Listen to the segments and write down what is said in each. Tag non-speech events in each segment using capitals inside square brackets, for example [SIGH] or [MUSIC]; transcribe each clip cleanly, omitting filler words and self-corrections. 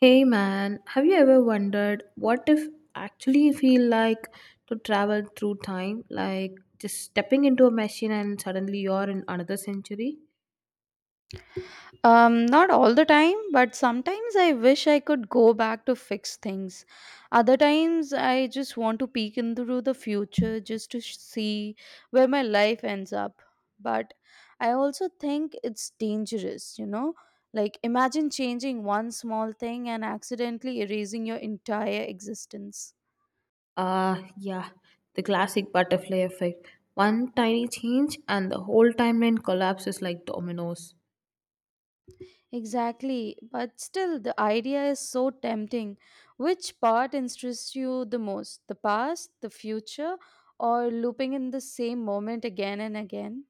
Hey man, have you ever wondered what if actually feel like to travel through time? Like just stepping into a machine and suddenly you're in another century? Not all the time, but sometimes I wish I could go back to fix things. Other times I just want to peek into the future just to see where my life ends up. But I also think it's dangerous, you know? Like, imagine changing one small thing and accidentally erasing your entire existence. Ah, yeah, the classic butterfly effect. One tiny change and the whole timeline collapses like dominoes. Exactly, but still the idea is so tempting. Which part interests you the most? The past, the future, or looping in the same moment again and again?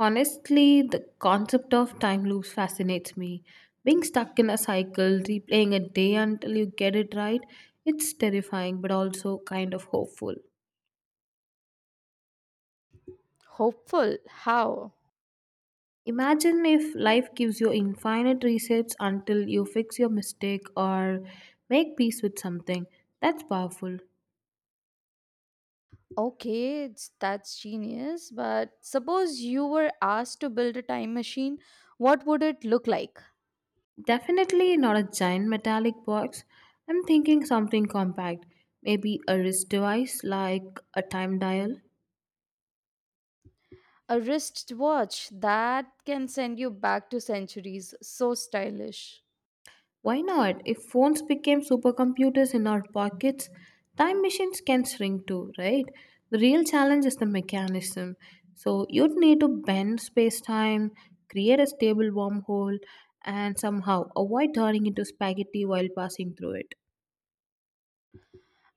Honestly, the concept of time loops fascinates me. Being stuck in a cycle, replaying a day until you get it right, it's terrifying but also kind of hopeful. Hopeful. How? Imagine if life gives you infinite resets until you fix your mistake or make peace with something. That's powerful. Okay, it's, that's genius, but suppose you were asked to build a time machine, what would it look like? Definitely not a giant metallic box. I'm thinking something compact. Maybe a wrist device like a time dial. A wristwatch that can send you back to centuries. So stylish. Why not? If phones became supercomputers in our pockets, time machines can shrink too, right? The real challenge is the mechanism. So you'd need to bend space time, create a stable wormhole, and somehow avoid turning into spaghetti while passing through it.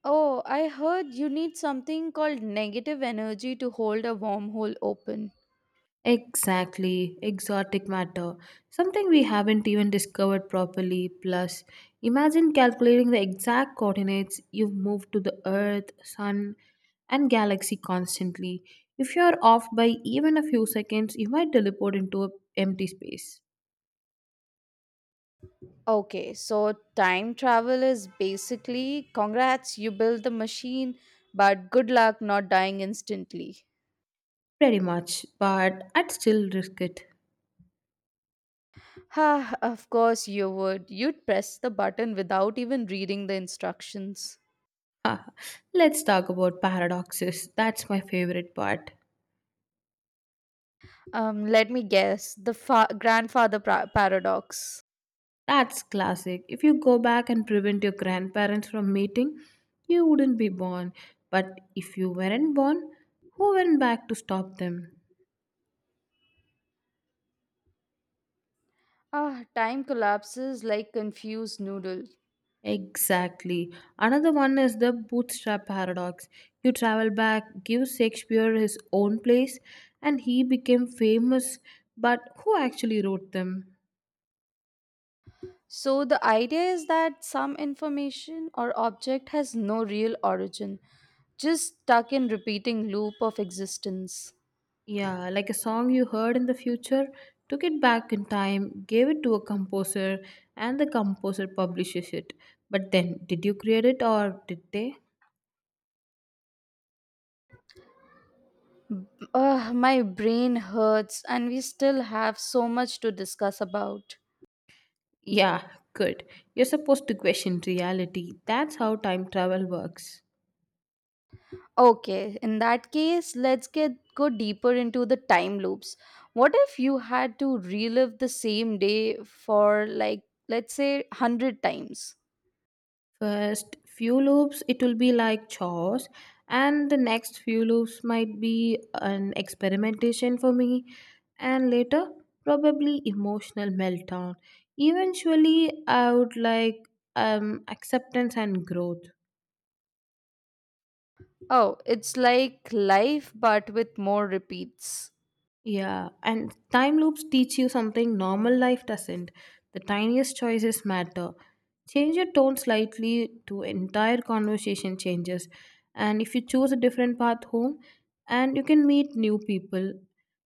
Oh, I heard you need something called negative energy to hold a wormhole open. Exactly, exotic matter. Something we haven't even discovered properly. Plus, imagine calculating the exact coordinates you've moved to the Earth, Sun, and galaxy constantly. If you're off by even a few seconds, you might teleport into a empty space. Okay, so time travel is basically congrats, you built the machine, but good luck not dying instantly. Pretty much, but I'd still risk it. [LAUGHS] Ha, of course you would. You'd press the button without even reading the instructions. Ah, let's talk about paradoxes. That's my favorite part. Let me guess, the grandfather paradox. That's classic. If you go back and prevent your grandparents from meeting, you wouldn't be born. But if you weren't born, who went back to stop them? Ah, time collapses like confused noodle. Exactly. Another one is the bootstrap paradox. You travel back, give Shakespeare his own plays, and he became famous. But who actually wrote them? So, the idea is that some information or object has no real origin, just stuck in repeating loop of existence. Yeah, like a song you heard in the future, took it back in time, gave it to a composer, and the composer publishes it. But then, did you create it or did they? Ugh, my brain hurts, and we still have so much to discuss about. Yeah, good. You're supposed to question reality. That's how time travel works. Okay, in that case, let's get go deeper into the time loops. What if you had to relive the same day for like let's say 100 times? First few loops, it will be like chores, and the next few loops might be an experimentation for me, and later, probably emotional meltdown. Eventually, I would like acceptance and growth. Oh, it's like life but with more repeats. Yeah, and time loops teach you something normal life doesn't. The tiniest choices matter. Change your tone slightly to entire conversation changes. And if you choose a different path home, and you can meet new people.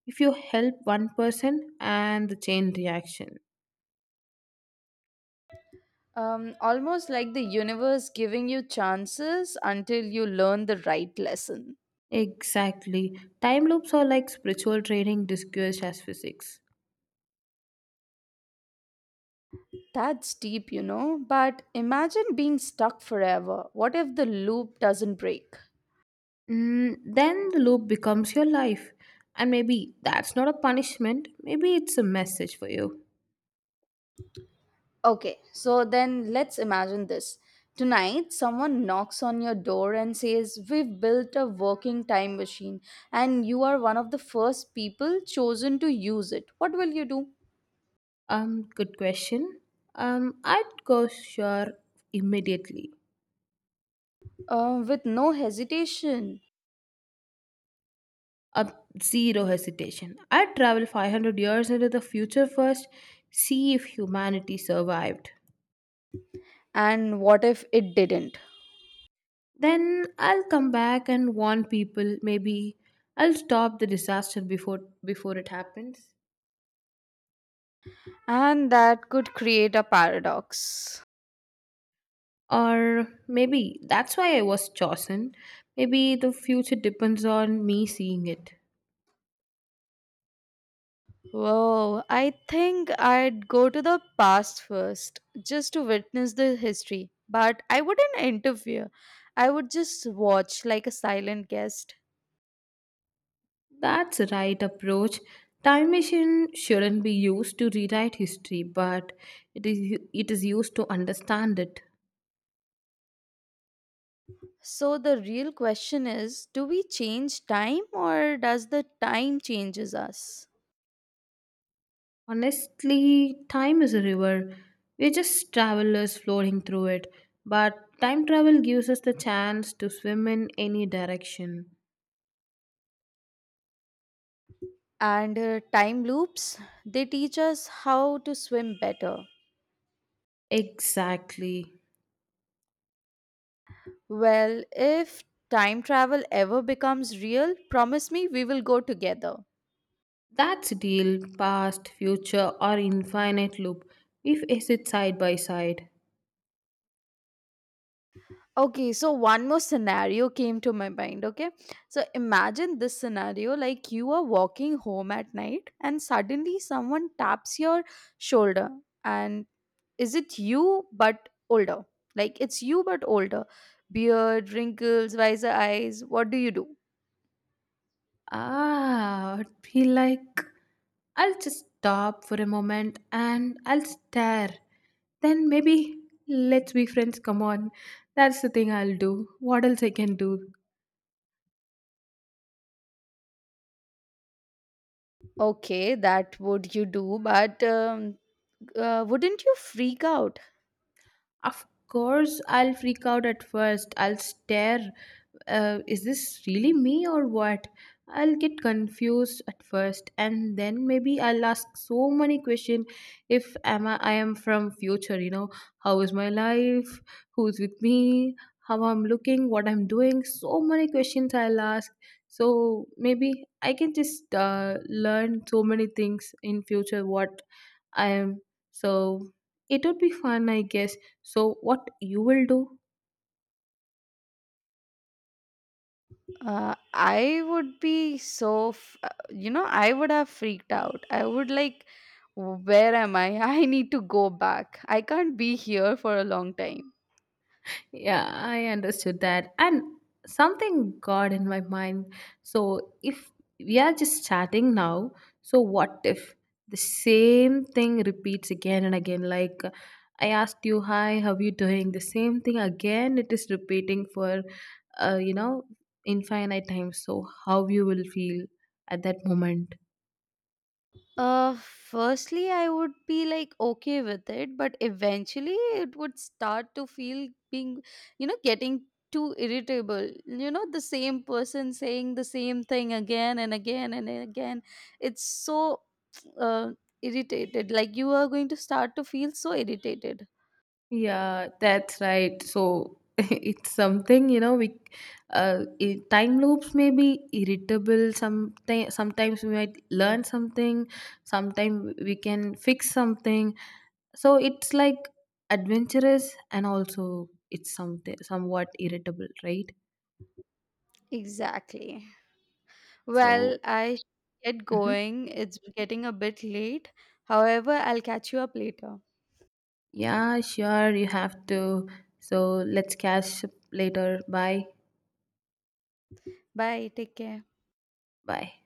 If you help one person, and the chain reaction. Almost like the universe giving you chances until you learn the right lesson. Exactly. Time loops are like spiritual training disguised as physics. That's deep, you know. But imagine being stuck forever. What if the loop doesn't break? Mm, then the loop becomes your life. And maybe that's not a punishment, maybe it's a message for you. Okay, so then let's imagine this. Tonight, someone knocks on your door and says, We've built a working time machine, and you are one of the first people chosen to use it. What will you do? Good question. I'd go sure immediately. With no hesitation. Up zero hesitation. I'd travel 500 years into the future first, see if humanity survived. And what if it didn't? Then I'll come back and warn people. Maybe I'll stop the disaster before it happens. And that could create a paradox. Or maybe that's why I was chosen. Maybe the future depends on me seeing it. Whoa, I think I'd go to the past first, just to witness the history. But I wouldn't interfere. I would just watch like a silent guest. That's the right approach. Time machine shouldn't be used to rewrite history, but it is used to understand it. So the real question is, do we change time or does the time changes us? Honestly, time is a river. We're just travelers floating through it, but time travel gives us the chance to swim in any direction. And time loops, they teach us how to swim better. Exactly. Well, if time travel ever becomes real, promise me we will go together. That's the deal, past, future, or infinite loop, if acid side by side. Okay, so one more scenario came to my mind, okay? So imagine this scenario like you are walking home at night and suddenly someone taps your shoulder and is it you but older? Like it's you but older. Beard, wrinkles, wiser eyes. What do you do? Ah, I'd be like, I'll just stop for a moment and I'll stare. Then maybe let's be friends. Come on, that's the thing I'll do. What else I can do? Okay, that would you do, but wouldn't you freak out? Of course, I'll freak out at first. I'll stare. Is this really me or what? I'll get confused at first, and then maybe I'll ask so many questions. If am I am from future, you know, how is my life? Who's with me? How I'm looking? What I'm doing? So many questions I'll ask. So maybe I can just learn so many things in future. What I am. So it would be fun, I guess. So, what you will do? I would be so, you know, I would have freaked out. I would like, where am I? [LAUGHS] I need to go back. I can't be here for a long time. Yeah, I understood that. And something got in my mind. So, if we are just chatting now, so what if the same thing repeats again and again? Like, I asked you, hi, how you doing? The same thing again, it is repeating for, uh, you know, infinite times. So, how you will feel at that moment? Firstly, I would be like okay with it, but eventually it would start to feel being, you know, getting too irritable. You know, the same person saying the same thing again and again and again. It's so [TSK] uh, irritated. Like you are going to start to feel so irritated. Yeah, that's right. So [LAUGHS] it's something, you know, we time loops may be irritable sometimes sometimes we might learn something, sometimes we can fix something. So it's like adventurous and also it's something somewhat irritable, right? Exactly. So Well, I should get mhm. going. It's getting a bit late. However, I'll catch you up later. Yeah, sure, you have to. So let's catch up later. Bye. Bye. Take care. Bye.